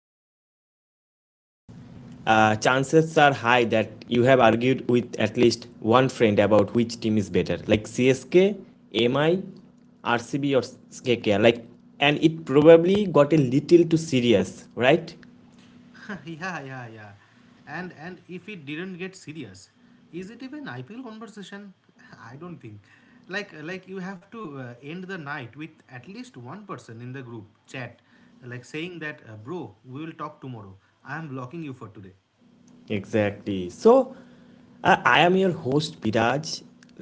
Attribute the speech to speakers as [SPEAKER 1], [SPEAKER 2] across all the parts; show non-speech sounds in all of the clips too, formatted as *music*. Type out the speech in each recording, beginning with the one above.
[SPEAKER 1] if you are listening to this, chances are high that you have argued with at least one friend about which team is better, like CSK, MI, RCB, or KKR. And it probably got a little too serious, right?
[SPEAKER 2] *laughs* Yeah, yeah, yeah. And if it didn't get serious, is it even IPL conversation? *laughs* I don't think. Like you have to end the night with at least one person in the group chat, like saying that, bro, we will talk tomorrow. I am blocking you for today.
[SPEAKER 1] Exactly. So, I am your host, Biraj,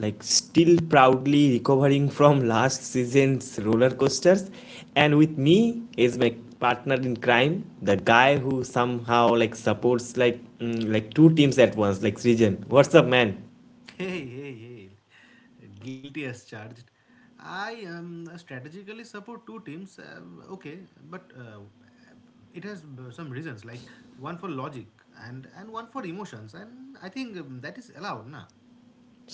[SPEAKER 1] like still proudly recovering from last season's roller coasters. And with me is my partner in crime, the guy who somehow like supports like like two teams at once, like Srijan. What's up, man?
[SPEAKER 2] Hey, hey, hey. Guilty as charged. I strategically support two teams, okay, but it has some reasons, like one for logic and one for emotions, and I think that is allowed, na?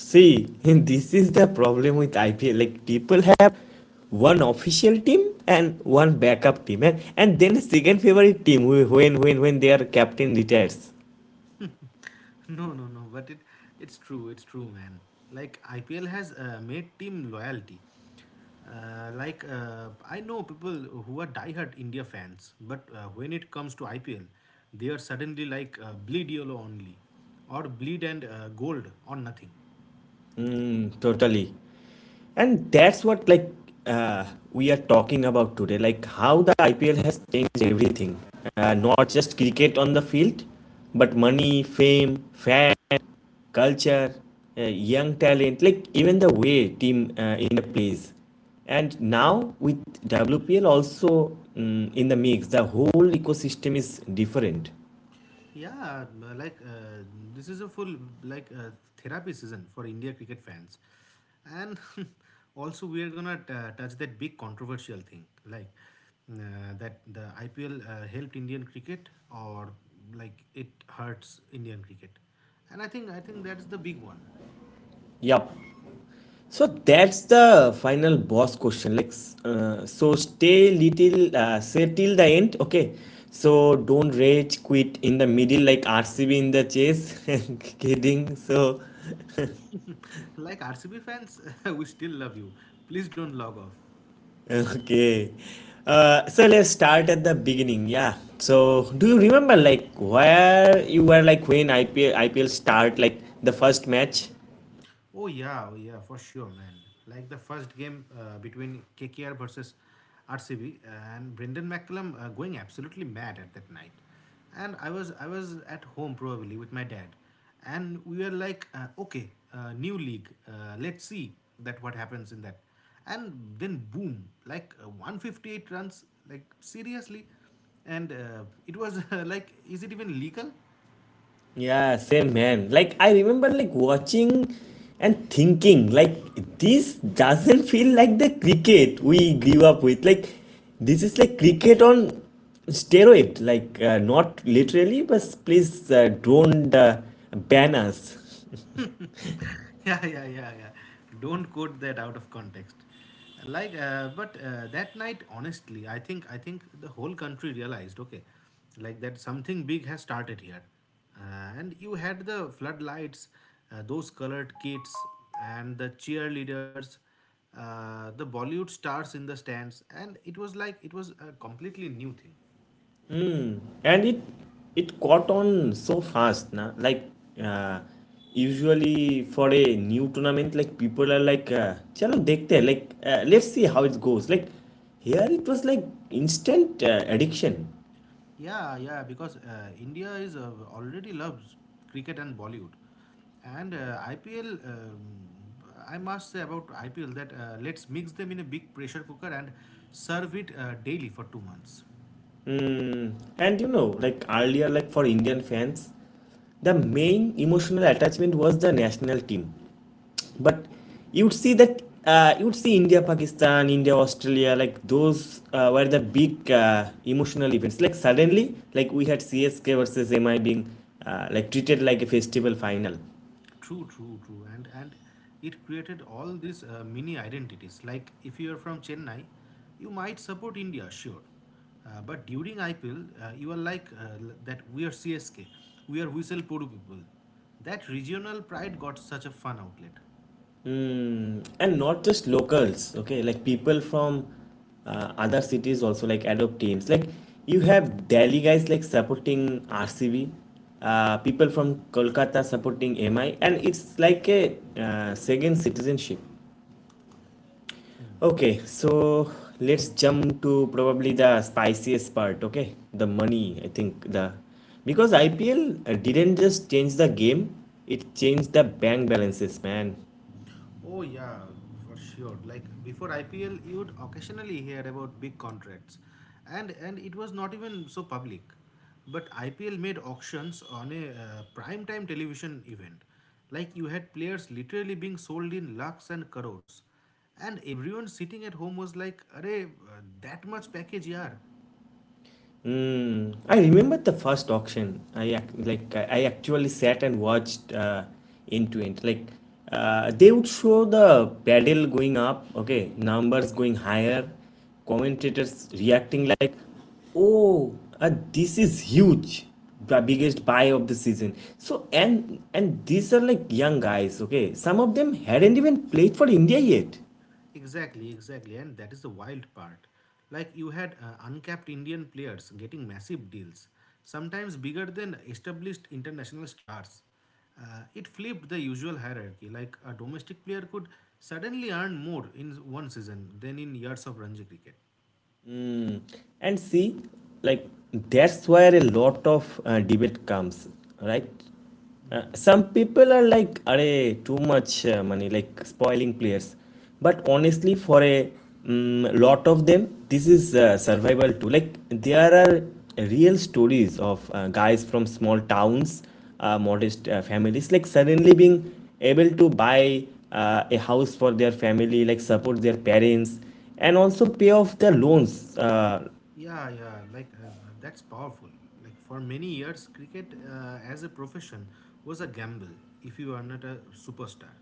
[SPEAKER 1] See, *laughs* this is the problem with IPL. Like people have one official team and one backup team, and then a second favorite team who when their captain retires.
[SPEAKER 2] *laughs* No, no, no. But it's true. It's true, man. Like IPL has made team loyalty. Like I know people who are diehard India fans, but when it comes to IPL, they are suddenly like bleed yellow only, or bleed and gold or nothing.
[SPEAKER 1] Mm, totally. And that's what like uh, we are talking about today, like how the IPL has changed everything. Not just cricket on the field, but money, fame, fan, culture, young talent, like even the way team in a plays. And now with WPL also in the mix, the whole ecosystem is different.
[SPEAKER 2] Yeah, like this is a full like uh, therapy season for India cricket fans, and *laughs* also we are gonna touch that big controversial thing, like that the IPL helped Indian cricket or like it hurts Indian cricket, and I think that's the big one.
[SPEAKER 1] Yup. So that's the final boss question. Like, so stay little, say till the end, okay? So don't rage quit in the middle like RCB in the chase. *laughs* Kidding. So,
[SPEAKER 2] *laughs* Like RCB fans, *laughs* we still love you. Please don't log off.
[SPEAKER 1] okay. So let's start at the beginning. Yeah. So do you remember like where you were like when IPL start like the first match?
[SPEAKER 2] Oh yeah, oh yeah, for sure, man. Like the first game between KKR versus RCB, and Brendan McCullum going absolutely mad at that night. And I was at home probably with my dad, and we were like, okay, new league, let's see that what happens in that, and then boom, like 158 runs, like seriously, and it was *laughs* like, is it even legal?
[SPEAKER 1] Yeah, same man. Like I remember like watching and thinking like this doesn't feel like the cricket we grew up with. Like this is like cricket on steroid. Like not literally, but please don't ban us.
[SPEAKER 2] *laughs* Yeah, yeah, yeah, yeah. Don't quote that out of context. Like, but that night, honestly, I think the whole country realized, okay, like that something big has started here, and you had the floodlights, those colored kids, and the cheerleaders, the Bollywood stars in the stands, and it was a completely new thing.
[SPEAKER 1] And it caught on so fast na like uh, usually for a new tournament like people are like chalo dekhte hain," like let's see how it goes like here it was like instant addiction.
[SPEAKER 2] Yeah, yeah, because India is already loves cricket and Bollywood, and IPL. I must say about IPL that let's mix them in a big pressure cooker and serve it daily for 2 months.
[SPEAKER 1] And you know like earlier like for Indian fans the main emotional attachment was the national team but you would see that you would see India, Pakistan, India, Australia, like those were the big emotional events. Like suddenly, like we had CSK versus MI being like treated like a festival final.
[SPEAKER 2] True, true, true, and it created all these mini identities. Like if you are from Chennai, you might support India, sure, but during IPL, you are like that. We are CSK, we are Whistle Podu people. That regional pride got such a fun outlet.
[SPEAKER 1] Mm. And not just locals. Okay, like people from other cities also like adopt teams. Like you have Delhi guys like supporting RCB, people from Kolkata supporting MI, and it's like a second citizenship. Okay, so let's jump to probably the spiciest part, okay? The money, I think the because IPL didn't just change the game, it changed the bank balances, man.
[SPEAKER 2] Oh yeah, for sure. Like before IPL, you'd occasionally hear about big contracts, and it was not even so public. But IPL made auctions on a prime time television event. Like you had players literally being sold in lakhs and crores, and everyone sitting at home was like, "Arey, that much package, yaar."
[SPEAKER 1] Mm, I remember the first auction. Like I actually sat and watched end to end. Like they would show the pedal going up, okay, numbers going higher, commentators reacting like, "Oh, uh, this is huge, the biggest buy of the season." So and these are like young guys, okay. Some of them hadn't even played for India yet.
[SPEAKER 2] Exactly, exactly, and that is the wild part. Like you had uncapped Indian players getting massive deals, sometimes bigger than established international stars. It flipped the usual hierarchy, like a domestic player could suddenly earn more in one season than in years of Ranji cricket.
[SPEAKER 1] Mm. And see like that's where a lot of debate comes right, some people are like "Arey too much money like spoiling players but honestly for a lot of them this is survival too like there are real stories of guys from small towns, modest families like suddenly being able to buy a house for their family like support their parents and also pay off the loans
[SPEAKER 2] Yeah, yeah, like that's powerful. Like for many years, cricket as a profession was a gamble if you are not a superstar.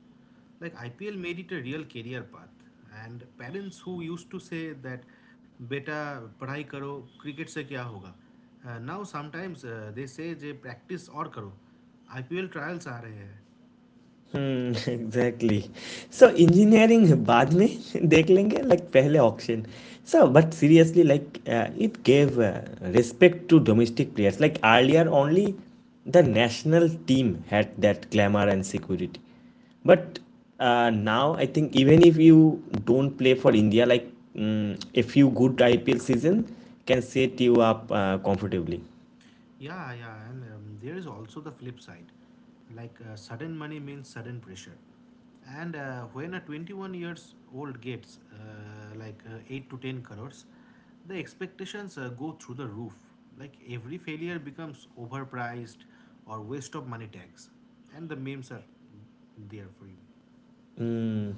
[SPEAKER 2] Like IPL made it a real career path, and parents who used to say that, "Beta, पढ़ाई करो, cricket से क्या होगा?" Now sometimes they say, "J practice और करो, IPL trials आ रहे हैं."
[SPEAKER 1] हम्म, *laughs* exactly so engineering बाद में *laughs* देख लेंगे like पहले auction so but seriously like it gave respect to domestic players like earlier only the national team had that glamour and security but now I think even if you don't play for India like a few good IPL season can set you up comfortably.
[SPEAKER 2] Yeah, yeah, and there is also the flip side. Like sudden money means sudden pressure. And when a 21 years old gets like 8 to 10 crores, the expectations go through the roof. Like every failure becomes overpriced or waste of money tags. And the memes are there for you.
[SPEAKER 1] Hmm.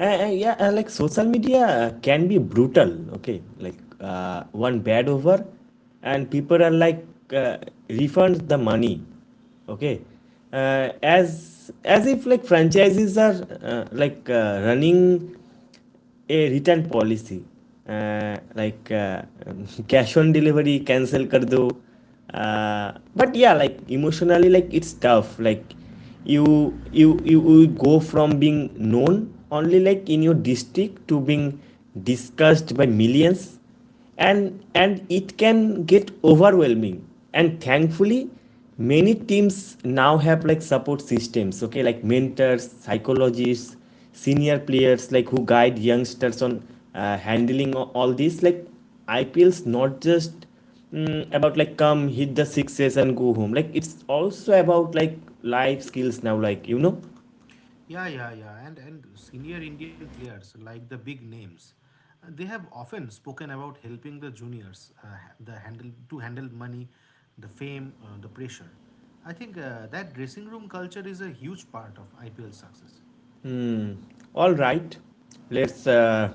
[SPEAKER 1] Yeah, like social media can be brutal. Okay, like one bad over, and people are like uh, refund the money. Okay, as if like franchises are like running a return policy like *laughs* cash on delivery cancel kar do uh, but yeah like emotionally like it's tough like you you will go from being known only like in your district to being discussed by millions and it can get overwhelming and thankfully many teams now have like support systems okay like mentors psychologists senior players like who guide youngsters on handling all this like ipls not just about like come hit the sixes and go home like it's also about like life skills now like you know.
[SPEAKER 2] Yeah, yeah, yeah. And senior Indian players like the big names, they have often spoken about helping the juniors ha- the handle to handle money, the fame, the pressure. I think that dressing room culture is a huge part of IPL success.
[SPEAKER 1] All right, let's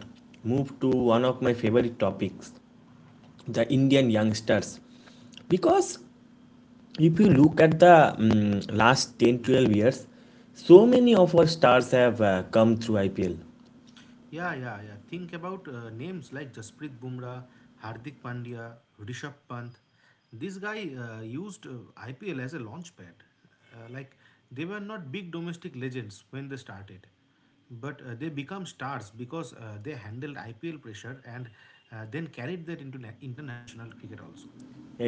[SPEAKER 1] move to one of my favorite topics, the Indian youngsters, because if you look at the last 10, 12 years so many of our stars have come through IPL.
[SPEAKER 2] Yeah, yeah, yeah. Think about names like Jasprit Bumrah, Hardik Pandya, Rishabh Pant. This guy used IPL as a launchpad. Like they were not big domestic legends when they started, but they become stars because they handled IPL pressure and then carried that into international cricket also.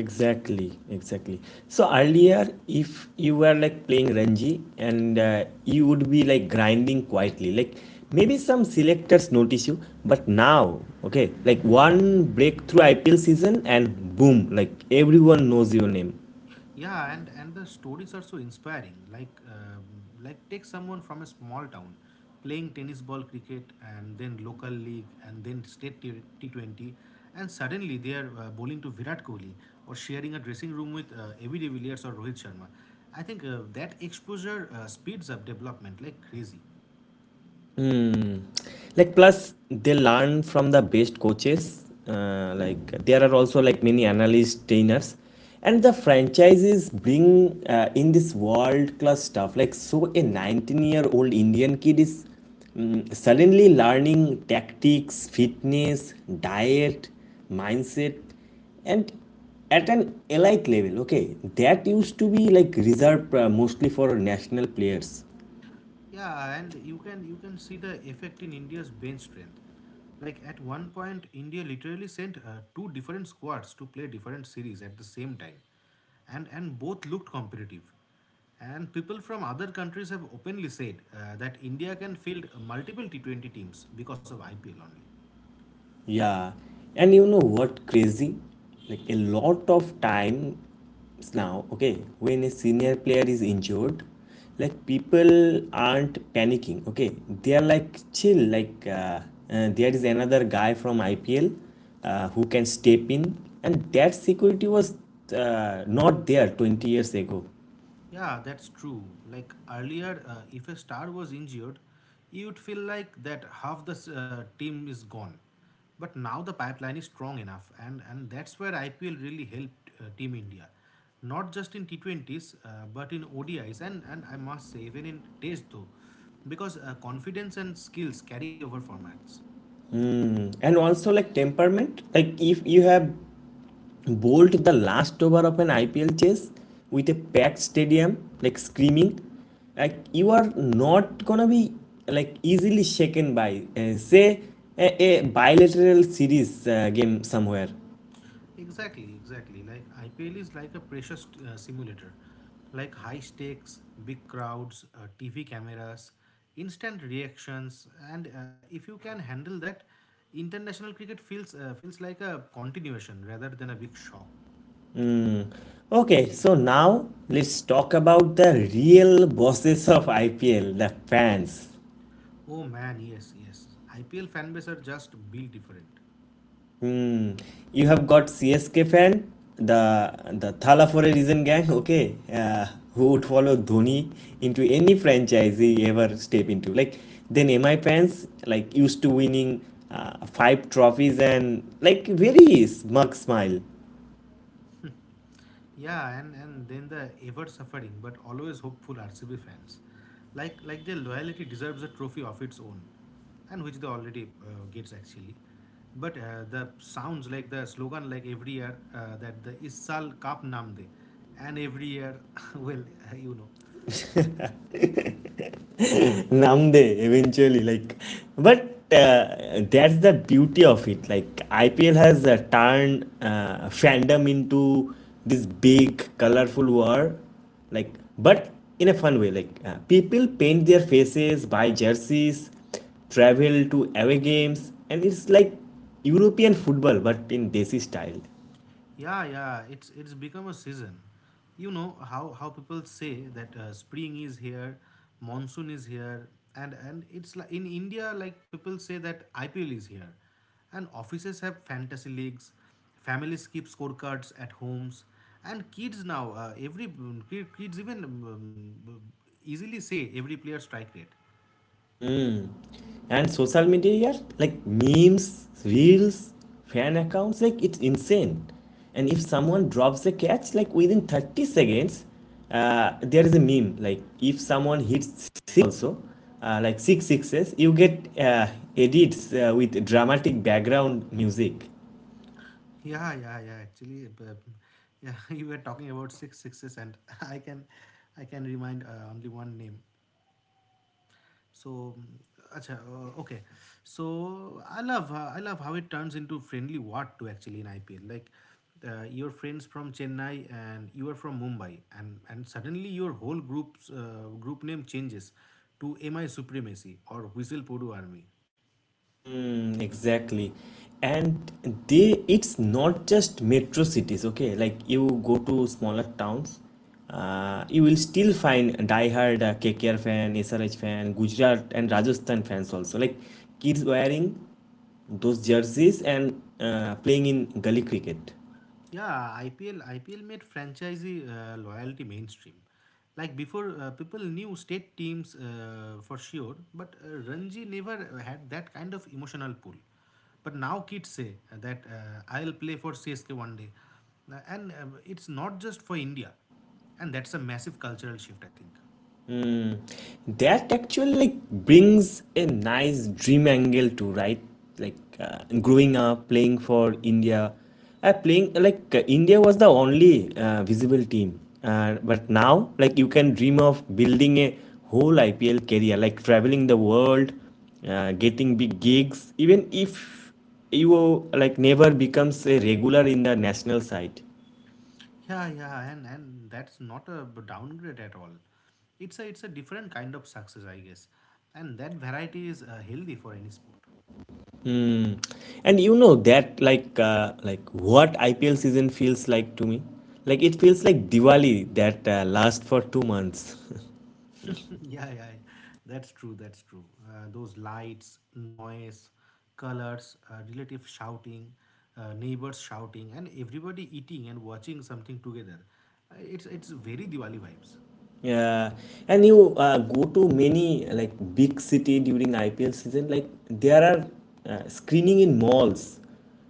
[SPEAKER 1] Exactly, exactly, so earlier if you were like playing Ranji and you would be like grinding quietly like maybe some selectors notice you but now okay like one breakthrough IPL season and boom like everyone knows your name.
[SPEAKER 2] Yeah, and the stories are so inspiring. Like take someone from a small town playing tennis ball cricket and then local league and then state T20 and suddenly they are bowling to Virat Kohli or sharing a dressing room with Avi de Villiers or Rohit Sharma. I think that exposure speeds up development like crazy.
[SPEAKER 1] Like plus they learn from the best coaches like there are also like many analyst trainers and the franchises bring in this world class stuff like so a 19-year-old Indian kid is suddenly learning tactics, fitness, diet, mindset, and at an elite level okay that used to be like reserved mostly for national players.
[SPEAKER 2] Yeah, and you can see the effect in India's bench strength. Like at one point, India literally sent two different squads to play different series at the same time, and both looked competitive. And people from other countries have openly said that India can field multiple T 20 teams because of IPL only.
[SPEAKER 1] Yeah, and you know what crazy? Like a lot of times now, okay, when a senior player is injured, like people aren't panicking, okay? They are like chill, like there is another guy from IPL who can step in, and that security was not there 20 years ago.
[SPEAKER 2] Yeah, that's true. Like earlier, if a star was injured, you'd feel like that half the team is gone. But now the pipeline is strong enough, and that's where IPL really helped Team India. Not just in T20s, but in ODIs, and I must say, even in Test though, because confidence and skills carry over formats.
[SPEAKER 1] And also like temperament, like if you have bowled the last over of an IPL chase with a packed stadium, like screaming, like you are not gonna be like easily shaken by, say, a bilateral series game somewhere.
[SPEAKER 2] Exactly, exactly. Like IPL is like a precious simulator, like high stakes, big crowds, TV cameras, instant reactions, and if you can handle that, international cricket feels like a continuation rather than a big shock.
[SPEAKER 1] Okay, so now let's talk about the real bosses of IPL, the fans.
[SPEAKER 2] Oh man, yes, yes. IPL fan base are just built different.
[SPEAKER 1] Hmm. You have got CSK fan, the Thala for a reason gang, okay, who would follow Dhoni into any franchise he ever step into. Like then MI fans like used to winning five trophies and like very smug smile.
[SPEAKER 2] Yeah, and then the ever suffering but always hopeful RCB fans, like their loyalty deserves a trophy of its own. And which they already gets actually. But the sounds like the slogan like every year that the Issal Cup Namde, and every year, *laughs* well, uh, you know,
[SPEAKER 1] *laughs* Namde eventually. Like, but that's the beauty of it. Like, IPL has turned fandom into this big, colorful war. Like, but in a fun way. Like, people paint their faces, buy jerseys, travel to away games, and it's like European football, but in desi style.
[SPEAKER 2] Yeah, yeah, it's become a season. You know how people say that spring is here, monsoon is here, and it's like in India, like people say that IPL is here, and offices have fantasy leagues, families keep scorecards at homes, and kids now kids even easily say every player strike rate.
[SPEAKER 1] Mm. And social media here, like memes, reels, fan accounts, like it's insane. And if someone drops a catch, like within 30 seconds, there is a meme. Like if someone hits six also, like six sixes, you get edits with dramatic background music.
[SPEAKER 2] Yeah, yeah, yeah. Actually, *laughs* you were talking about six sixes, and *laughs* I can remind only one name. So, acha, okay. So I love how it turns into friendly what to actually in IPL. Like your friends from Chennai and you are from Mumbai, and suddenly your whole group name changes to MI Supremacy or Whistle Podu Army.
[SPEAKER 1] Mm, exactly. And they it's not just metro cities, okay? Like you go to smaller towns, you will still find diehard KKR fan, SRH fan, Gujarat and Rajasthan fans also. Like kids wearing those jerseys and playing in gully cricket.
[SPEAKER 2] Yeah, IPL made franchisee loyalty mainstream. Like before, people knew state teams for sure, but Ranji never had that kind of emotional pull. But now kids say that I'll play for CSK one day. And It's not just for India, and that's a massive cultural shift, I think.
[SPEAKER 1] Hmm. That actually like brings a nice dream angle to right, like growing up playing for India, playing like India was the only visible team, but now like you can dream of building a whole IPL career, like traveling the world, getting big gigs, even if you like never becomes a regular in the national side.
[SPEAKER 2] Yeah, yeah, and that's not a downgrade at all. It's a different kind of success, I guess, and that variety is healthy for any sport.
[SPEAKER 1] Mm. And you know that like what IPL season feels like to me. Like it feels like Diwali that lasts for 2 months.
[SPEAKER 2] *laughs* Yeah, yeah, yeah. That's true. That's true. Those lights, noise, colors, relative shouting, neighbors shouting, and everybody eating and watching something together. It's very Diwali vibes.
[SPEAKER 1] *laughs* Yeah, and you go to many like big city during IPL season. Like there are screening in malls,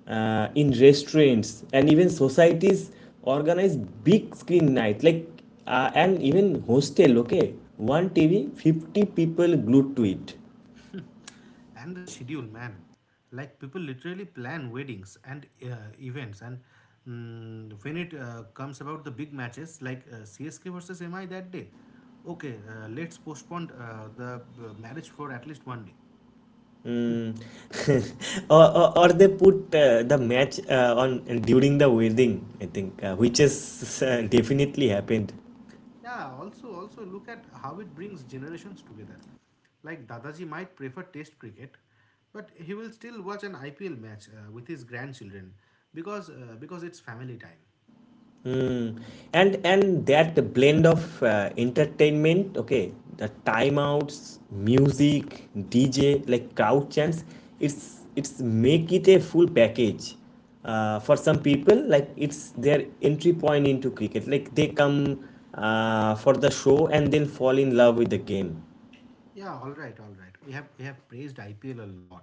[SPEAKER 1] in restaurants, and even societies organize big screen night. Like and even hostel. Okay, one TV, 50 people glued to it.
[SPEAKER 2] *laughs* And the schedule, man, like people literally plan weddings and events. And when it comes about the big matches like CSK versus MI that day, okay, let's postpone the marriage for at least one day.
[SPEAKER 1] Mm. *laughs* Or, or they put the match on during the wedding, I think, which has definitely happened.
[SPEAKER 2] Yeah, also also look at how it brings generations together. Like Dadaji might prefer test cricket, but he will still watch an IPL match with his grandchildren because it's family time.
[SPEAKER 1] Mm. And that blend of entertainment, okay, the timeouts, music, DJ, like crowd chants, it's make it a full package. For some people, like it's their entry point into cricket. Like they come for the show and then fall in love with the game.
[SPEAKER 2] Yeah, all right, all right. We have praised IPL a lot.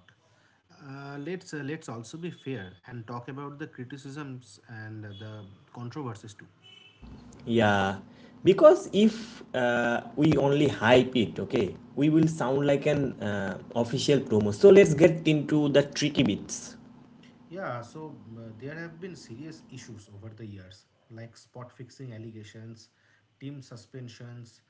[SPEAKER 2] Let's also be fair and talk about the criticisms and the controversies too.
[SPEAKER 1] Yeah, because if we only hype it, okay, we will sound like an official promo. So let's get into the tricky bits.
[SPEAKER 2] Yeah, so there have been serious issues over the years, like spot fixing allegations, team suspensions,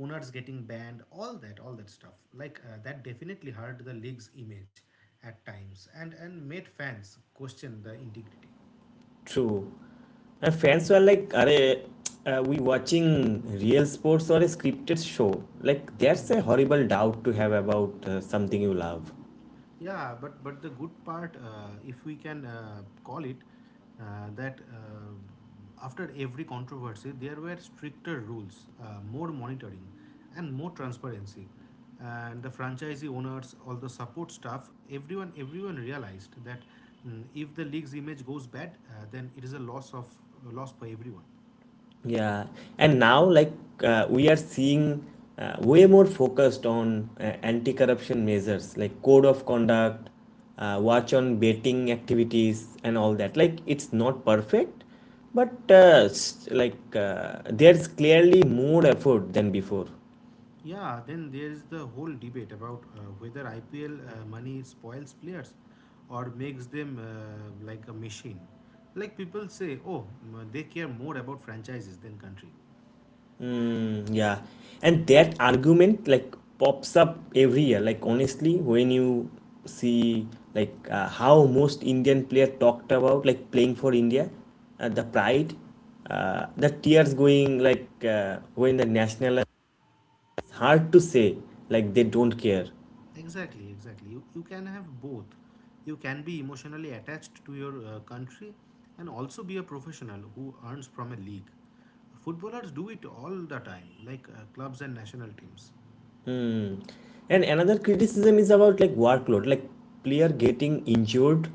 [SPEAKER 2] owners getting banned, all that stuff. Like that definitely hurt the league's image at times and made fans question the integrity.
[SPEAKER 1] True. My fans were like, Are we watching real sports or a scripted show? Like, that's a horrible doubt to have about something you love.
[SPEAKER 2] Yeah, but the good part, if we can call it, that after every controversy, there were stricter rules, more monitoring, and more transparency. And the franchisee owners, all the support staff, everyone realized that if the league's image goes bad, then it is a loss of a loss for everyone.
[SPEAKER 1] Yeah, and now like we are seeing way more focused on anti-corruption measures like code of conduct, watch on betting activities, and all that. Like it's not perfect, but like there's clearly more effort than before.
[SPEAKER 2] Yeah, then there is the whole debate about whether IPL money spoils players or makes them like a machine. Like people say, oh, they care more about franchises than country.
[SPEAKER 1] Mm, yeah, and that argument like pops up every year. Like honestly, when you see like how most indian player talked about like playing for india, the pride, the tears going like uh, when the national, it's hard to say like they don't care.
[SPEAKER 2] Exactly, exactly. You can have both. You can be emotionally attached to your country and also be a professional who earns from a league. Footballers do it all the time, like clubs and national teams.
[SPEAKER 1] Hmm. And another criticism is about like workload, like player getting injured,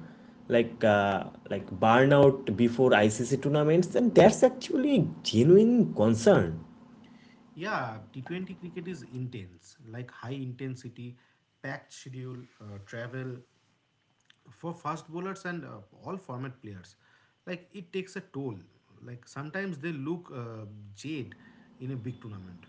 [SPEAKER 1] like uh, like burnout before ICC tournaments, and that's actually a genuine concern.
[SPEAKER 2] Yeah, T20 cricket is intense, like high intensity, packed schedule, travel for fast bowlers and all format players. Like it takes a toll. Like sometimes they look jaded in a big tournament.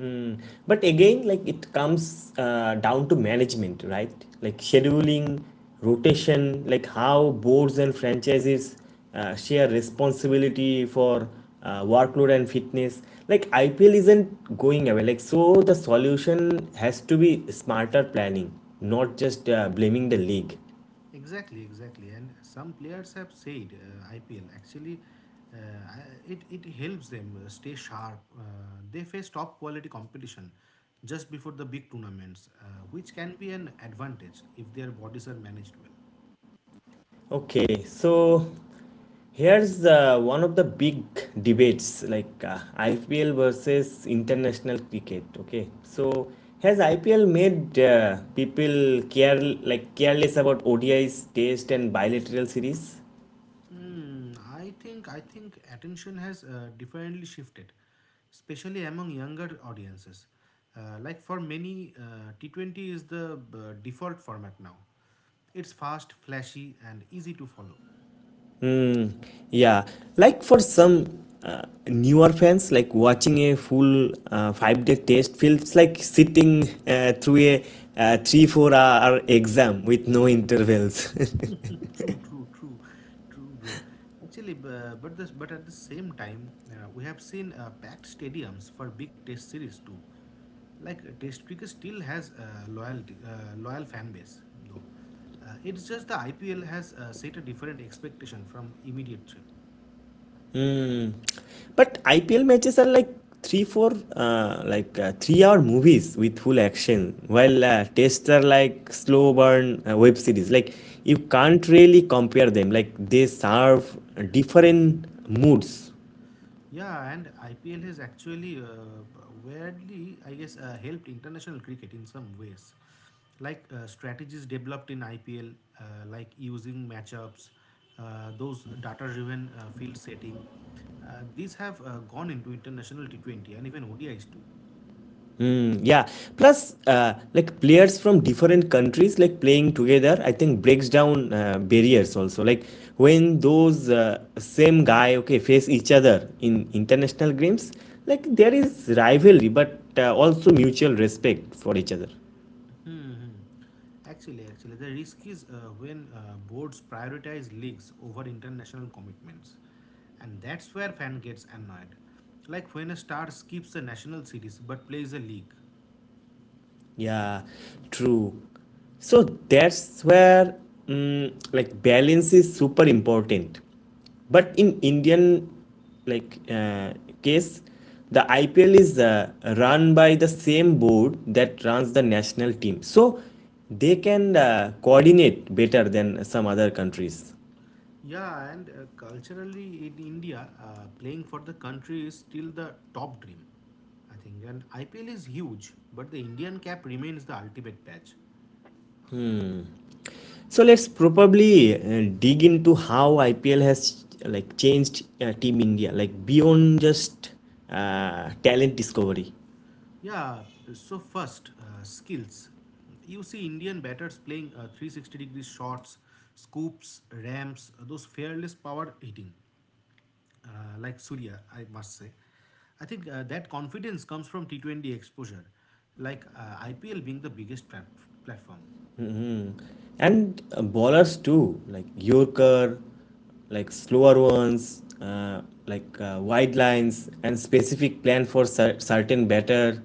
[SPEAKER 1] Mm. But again, like it comes down to management, right? Like scheduling, rotation, like how boards and franchises share responsibility for workload and fitness. Like IPL isn't going away. Like so, the solution has to be smarter planning, not just blaming the league.
[SPEAKER 2] Exactly, exactly. And some players have said IPL actually it helps them stay sharp. They face top quality competition just before the big tournaments, which can be an advantage if their bodies are managed well.
[SPEAKER 1] Okay, so here's one of the big debates, like IPL versus international cricket. Okay, so has IPL made people care, like careless, about ODIs, Test, and bilateral series?
[SPEAKER 2] I think attention has differently shifted, especially among younger audiences. Like for many, T20 is the default format now. It's fast, flashy, and easy to follow.
[SPEAKER 1] Hmm. Yeah, like for some newer fans, like watching a full five-day test feels like sitting through a three-four-hour exam with no intervals. *laughs*
[SPEAKER 2] True, true, true, true, bro. Actually, bu- but this, but at the same time, we have seen packed stadiums for big Test series too. Like Test cricket still has loyalty, loyal fan base though. It's just the IPL has set a different expectation from immediate.
[SPEAKER 1] Hmm. But IPL matches are like three, four, like three-hour movies with full action, while tests are like slow burn web series. Like you can't really compare them. Like they serve different moods.
[SPEAKER 2] Yeah, and IPL has actually weirdly, I guess, helped international cricket in some ways. Like strategies developed in IPL, like using matchups, those data-driven field setting, these have gone into international T20 and even ODIs too.
[SPEAKER 1] Mm, yeah. Plus, like players from different countries like playing together, I think breaks down barriers also. Like when those same guy, okay, face each other in international games, like there is rivalry, but also mutual respect for each other.
[SPEAKER 2] Hmm. Hmm. Actually, actually, the risk is when boards prioritize leagues over international commitments, and that's where fan gets annoyed. Like when a star skips a national series but plays a league.
[SPEAKER 1] Yeah, true. So that's where, mm, like balance is super important. But in Indian, like uh, case, the IPL is run by the same board that runs the national team. So they can coordinate better than some other countries.
[SPEAKER 2] Yeah, and culturally in India, playing for the country is still the top dream, I think. And IPL is huge, but the Indian cap remains the ultimate patch.
[SPEAKER 1] So let's probably dig into how IPL has like changed Team India, like beyond just talent discovery.
[SPEAKER 2] Yeah, so first, skills. You see Indian batters playing 360-degree shots, scoops, ramps, those fearless power hitting, like Surya, I must say. I think that confidence comes from T20 exposure, like IPL being the biggest platform.
[SPEAKER 1] And bowlers too, like Yorker, like slower ones, like wide lines and specific plan for certain batter,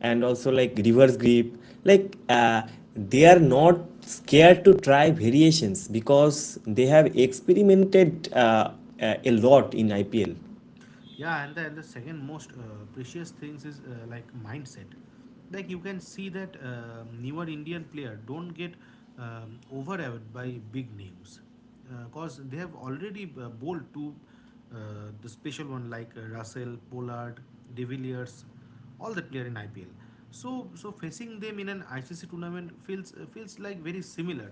[SPEAKER 1] and also like reverse grip. Like they are not scared to try variations because they have experimented a lot in IPL.
[SPEAKER 2] Yeah, and the second most precious things is like mindset. Like you can see that newer indian player don't get overawed by big names because they have already bowled to uh, the special one like russell pollard, de villiers, all the player in ipl. So facing them in an icc tournament feels like very similar,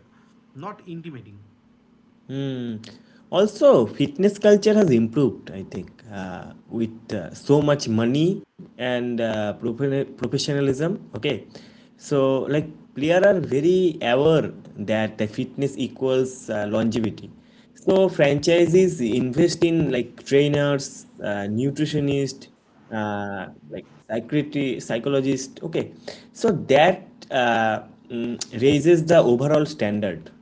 [SPEAKER 2] not intimidating.
[SPEAKER 1] Also, fitness culture has improved, I think, with so much money and professionalism. Okay, so like players are very aware that the fitness equals longevity. So franchises invest in like trainers, nutritionists, like psychiatry, psychologist. Okay, so that raises the overall standard.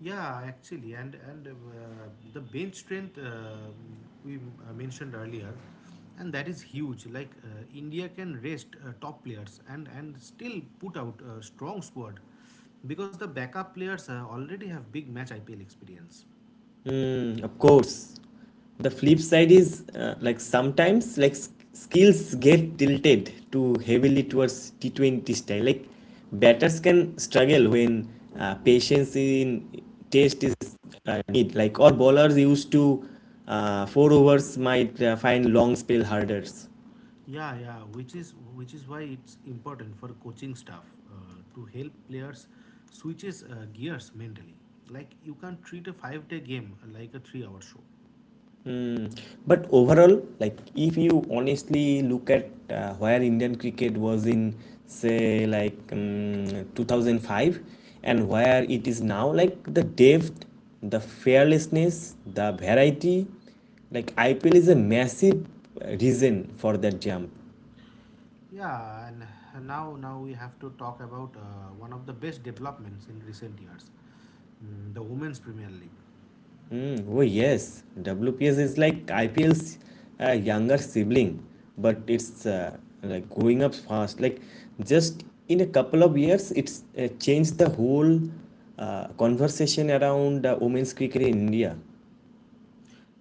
[SPEAKER 2] Yeah, actually, and the bench strength we mentioned earlier, and that is huge. Like India can rest top players and still put out a strong squad, because the backup players already have big match IPL experience.
[SPEAKER 1] Mm, of course. The flip side is like sometimes like skills get tilted too heavily towards T20 style. Like batters can struggle when patience in test is need. Like or bowlers used to four overs might find long spell hurdles.
[SPEAKER 2] Yeah, yeah, which is why it's important for coaching staff to help players switches gears mentally. Like you can't treat a 5 day game like a 3 hour show.
[SPEAKER 1] Mm. But overall, like if you honestly look at where Indian cricket was in, say, like 2005 and where it is now, like the depth, the fearlessness, the variety, like IPL is a massive reason for that jump.
[SPEAKER 2] Yeah, and now we have to talk about one of the best developments in recent years, the Women's Premier League.
[SPEAKER 1] Mm, oh yes, WPS is like IPL's younger sibling, but it's like growing up fast. Like just in a couple of years, it's changed the whole conversation around women's cricket in India.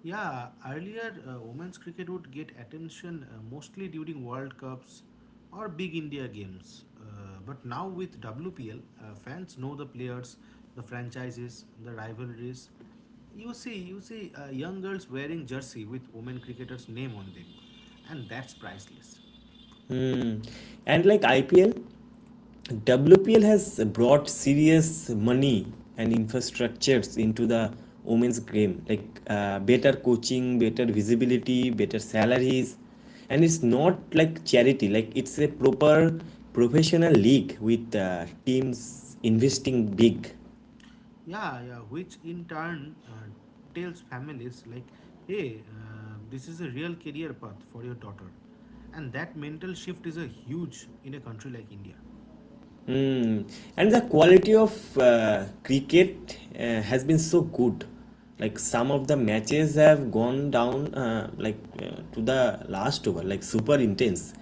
[SPEAKER 2] Yeah, earlier women's cricket would get attention mostly during World Cups or big India games. But now with WPL, fans know the players, the franchises, the rivalries. You see young girls wearing jersey with women cricketers' name on them, and that's priceless.
[SPEAKER 1] Mm. And like IPL. WPL has brought serious money and infrastructures into the women's game, like better coaching, better visibility, better salaries. And it's not like charity, like it's a proper professional league with teams investing big.
[SPEAKER 2] Yeah, yeah, which in turn tells families like, hey, this is a real career path for your daughter. And that mental shift is a huge in a country like India.
[SPEAKER 1] Mm. And the quality of cricket has been so good. Like some of the matches have gone down to the last over, like super intense.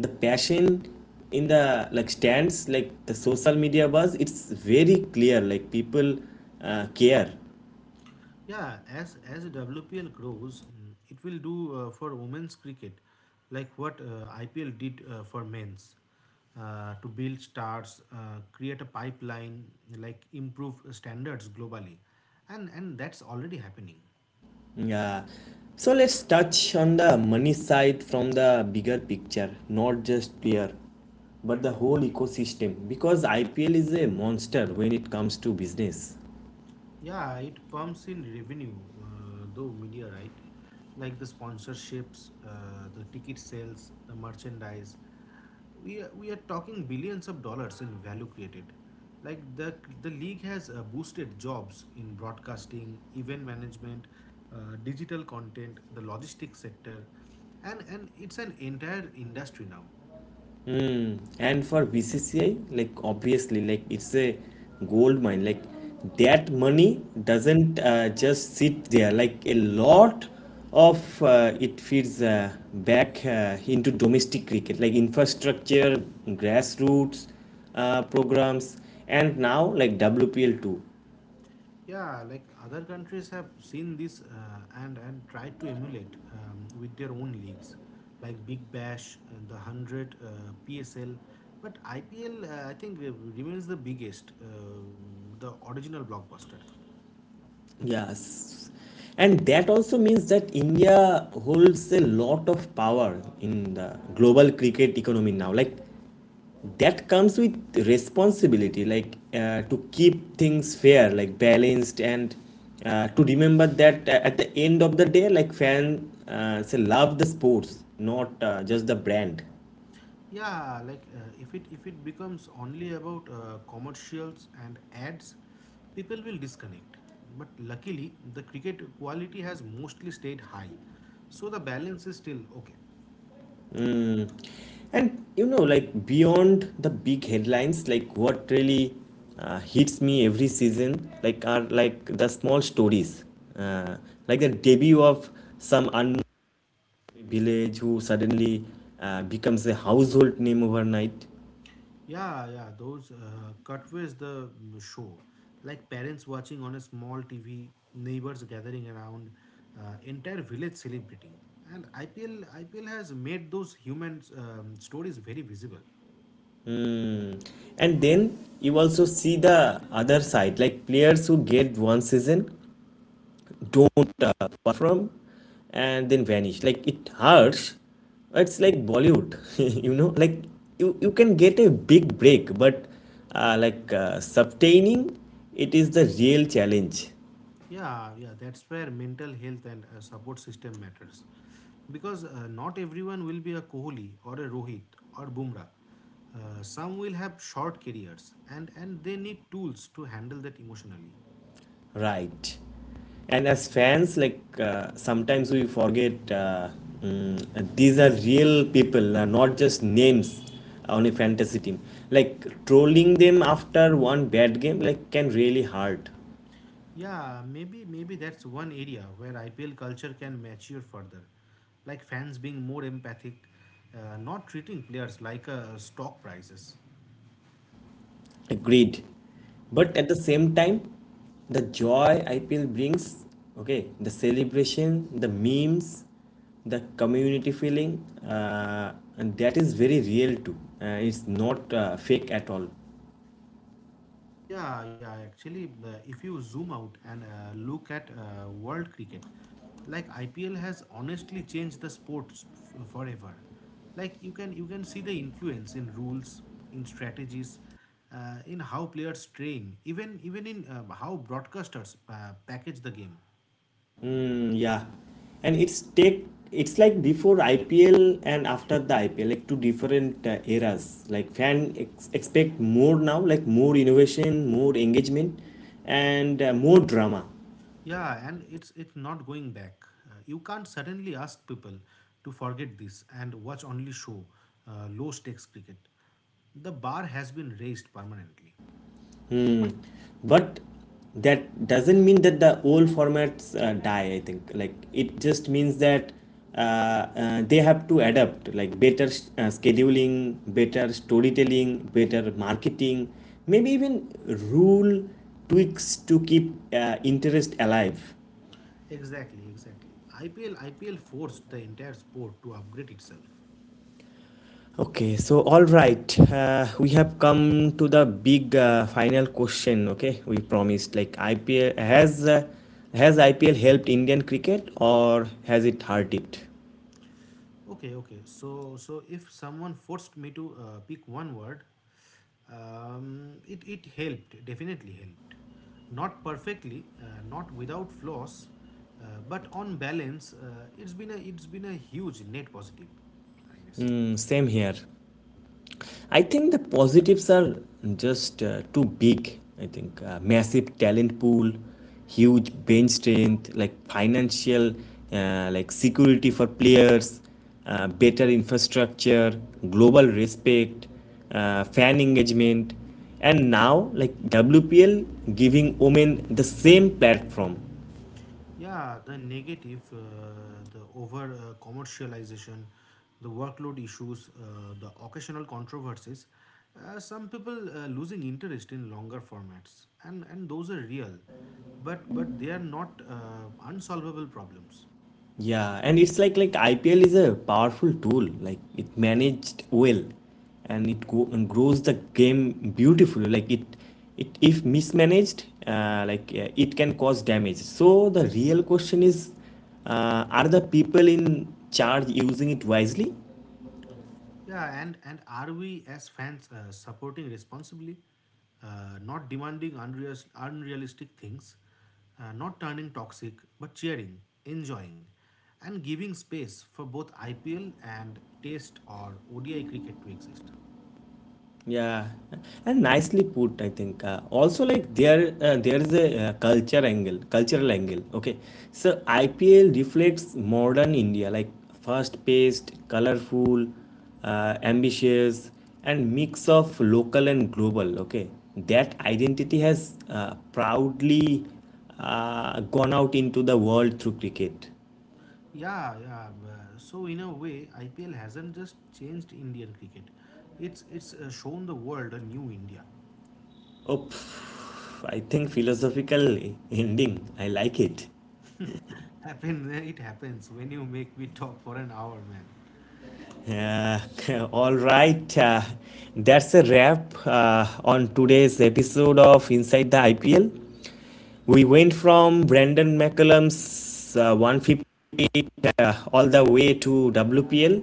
[SPEAKER 1] The passion in the like stands, like the social media buzz, it's very clear. Like people care.
[SPEAKER 2] Yeah, as WPL grows, it will do for women's cricket like what IPL did for men's. To build stars, create a pipeline, like improve standards globally, and that's already happening.
[SPEAKER 1] Yeah. So let's touch on the money side, from the bigger picture, not just player, but the whole ecosystem. Because IPL is a monster when it comes to business.
[SPEAKER 2] Yeah, it pumps in revenue, though media, right? Like the sponsorships, the ticket sales, the merchandise. We are talking billions of dollars in value created. Like the league has boosted jobs in broadcasting, event management, digital content, the logistics sector, and it's an entire industry now.
[SPEAKER 1] Mm. And for BCCI, like obviously, like it's a gold mine. Like that money doesn't just sit there. Like a lot of it feeds back into domestic cricket, like infrastructure, grassroots programs, and now like WPL too.
[SPEAKER 2] Yeah, like other countries have seen this and tried to emulate with their own leagues, like Big Bash, and the Hundred, PSL. But IPL, I think, remains the biggest, the original blockbuster.
[SPEAKER 1] Yes. And that also means that India holds a lot of power in the global cricket economy now. Like that comes with responsibility, like to keep things fair, like balanced, and to remember that at the end of the day, like fans, say, love the sports, not just the brand.
[SPEAKER 2] Yeah, like if it becomes only about commercials and ads, people will disconnect. But luckily, the cricket quality has mostly stayed high, so the balance is still okay.
[SPEAKER 1] Mm. And you know, like beyond the big headlines, like what really hits me every season, like are like the small stories, uh, like the debut of some unknown village who suddenly becomes a household name overnight.
[SPEAKER 2] Yeah, yeah, those cutaways the show, like parents watching on a small TV, neighbors gathering around, entire village celebrating. And IPL has made those human stories very visible.
[SPEAKER 1] Hmm. And then you also see the other side, like players who get one season, don't perform, and then vanish. Like it hurts. It's like Bollywood, *laughs* you know, like you can get a big break, but sustaining it is the real challenge.
[SPEAKER 2] Yeah, yeah, that's where mental health and support system matters, because not everyone will be a Kohli or a Rohit or Bumrah. Some will have short careers, and they need tools to handle that emotionally.
[SPEAKER 1] Right. And as fans, like sometimes we forget these are real people, not just names on a fantasy team. Like trolling them after one bad game, like can really hurt.
[SPEAKER 2] Yeah, maybe that's one area where IPL culture can mature further, like fans being more empathic, not treating players like stock prices.
[SPEAKER 1] Agreed. But at the same time, the joy IPL brings, okay, the celebration, the memes, the community feeling, and that is very real too. It's not fake at all.
[SPEAKER 2] Yeah, yeah. Actually, if you zoom out and look at world cricket, like IPL has honestly changed the sports forever. Like you can see the influence in rules, in strategies, in how players train, even in how broadcasters package the game.
[SPEAKER 1] Mm, yeah, and it's take it's like before IPL and after the IPL, like two different eras. Like fan expect more now, like more innovation, more engagement, and more drama.
[SPEAKER 2] Yeah, and it's not going back. You can't suddenly ask people to forget this and watch only show low stakes cricket. The bar has been raised permanently.
[SPEAKER 1] Hmm. But that doesn't mean that the old formats die, I think. Like, it just means that they have to adapt, like, better scheduling, better storytelling, better marketing, maybe even rule tweaks to keep interest alive.
[SPEAKER 2] Exactly, exactly. IPL forced the entire sport to upgrade itself.
[SPEAKER 1] Okay, so all right, we have come to the big final question. Okay, we promised like IPL has uh, has IPL helped Indian cricket, or has it hurt it?
[SPEAKER 2] Okay, okay. So if someone forced me to pick one word, it helped. Definitely helped. Not perfectly, not without flaws, but on balance, it's been a huge net positive, I guess.
[SPEAKER 1] Mm, same here. I think the positives are just too big. I think massive talent pool, huge bench strength, like financial, like security for players, better infrastructure, global respect, fan engagement, and now like WPL giving women the same platform.
[SPEAKER 2] Yeah, the negative, the over commercialization, the workload issues, the occasional controversies, some people losing interest in longer formats, and those are real, but they are not unsolvable problems.
[SPEAKER 1] Yeah, and it's like IPL is a powerful tool. Like it managed well, and it go and grows the game beautifully. Like it if mismanaged, it can cause damage. So the real question is, are the people in charge using it wisely?
[SPEAKER 2] Yeah, and are we as fans supporting responsibly, not demanding unrealistic things, not turning toxic, but cheering, enjoying, and giving space for both IPL and Test or ODI cricket to exist?
[SPEAKER 1] Yeah, and nicely put, I think. Also, like there is a cultural angle. Okay, so IPL reflects modern India, like fast-paced, colorful, ambitious, and mix of local and global. Okay, that identity has proudly gone out into the world through cricket.
[SPEAKER 2] Yeah, yeah. So in a way, IPL hasn't just changed Indian cricket; it's shown the world a new India.
[SPEAKER 1] Oh, pff, I think philosophical ending. I like it.
[SPEAKER 2] Happen, *laughs* it happens when you make me talk for an hour, man.
[SPEAKER 1] Uh, *laughs* all right, that's a wrap on today's episode of Inside the IPL. We went from Brandon McCullum's 158 all the way to WPL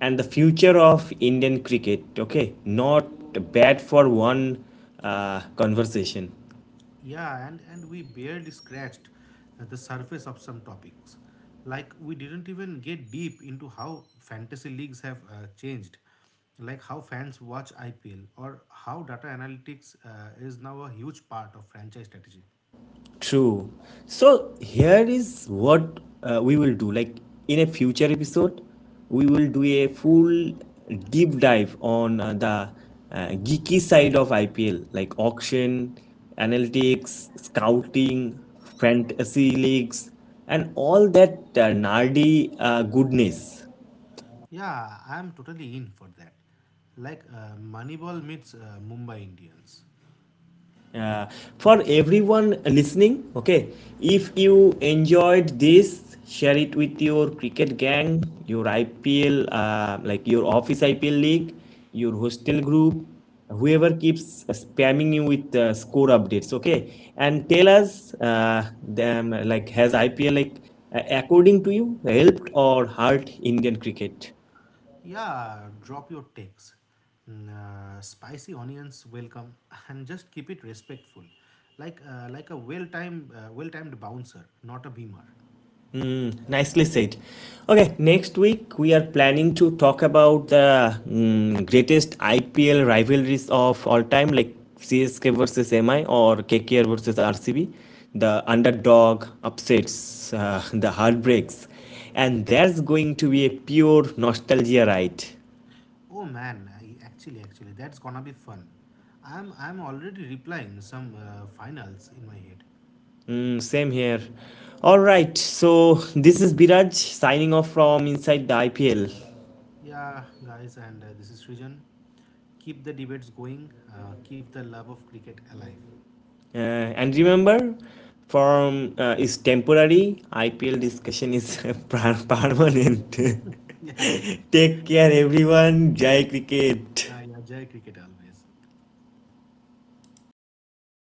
[SPEAKER 1] and the future of Indian cricket. Okay, not bad for one conversation.
[SPEAKER 2] Yeah, and we barely scratched the surface of some topics. Like, we didn't even get deep into how fantasy leagues have changed, like how fans watch IPL, or how data analytics is now a huge part of franchise strategy.
[SPEAKER 1] True. So here is what we will do. Like in a future episode, we will do a full deep dive on the geeky side of IPL, like auction, analytics, scouting, fantasy leagues, and all that nerdy goodness.
[SPEAKER 2] Yeah, I am totally in for that. Like, Moneyball meets Mumbai Indians.
[SPEAKER 1] uh, for everyone listening, okay, if you enjoyed this, share it with your cricket gang, your IPL, like your office IPL league, your hostel group, whoever keeps spamming you with score updates. Okay, and tell us them like, has IPL, like according to you, helped or hurt indian cricket?
[SPEAKER 2] Yeah, drop your takes. Spicy onions welcome, *laughs* and just keep it respectful, like a well-timed bouncer, not a beamer.
[SPEAKER 1] Nicely said. Okay, next week we are planning to talk about the, mm, greatest IPL rivalries of all time, like CSK versus MI or KKR versus RCB, the underdog upsets, the heartbreaks, and that's going to be a pure nostalgia ride.
[SPEAKER 2] Oh man, I, actually, that's gonna be fun. I'm already replying some finals in my head.
[SPEAKER 1] Mm, same here. All right, so this is Biraj signing off from inside the IPL.
[SPEAKER 2] Yeah, guys, and this is Srijan. Keep the debates going. Keep the love of cricket alive. *laughs*
[SPEAKER 1] And remember, form is temporary, IPL discussion is *laughs* permanent. *laughs*
[SPEAKER 2] Yeah, yeah,
[SPEAKER 1] Take care, everyone. Jai Cricket.
[SPEAKER 2] yeah, yeah. Jai cricket always.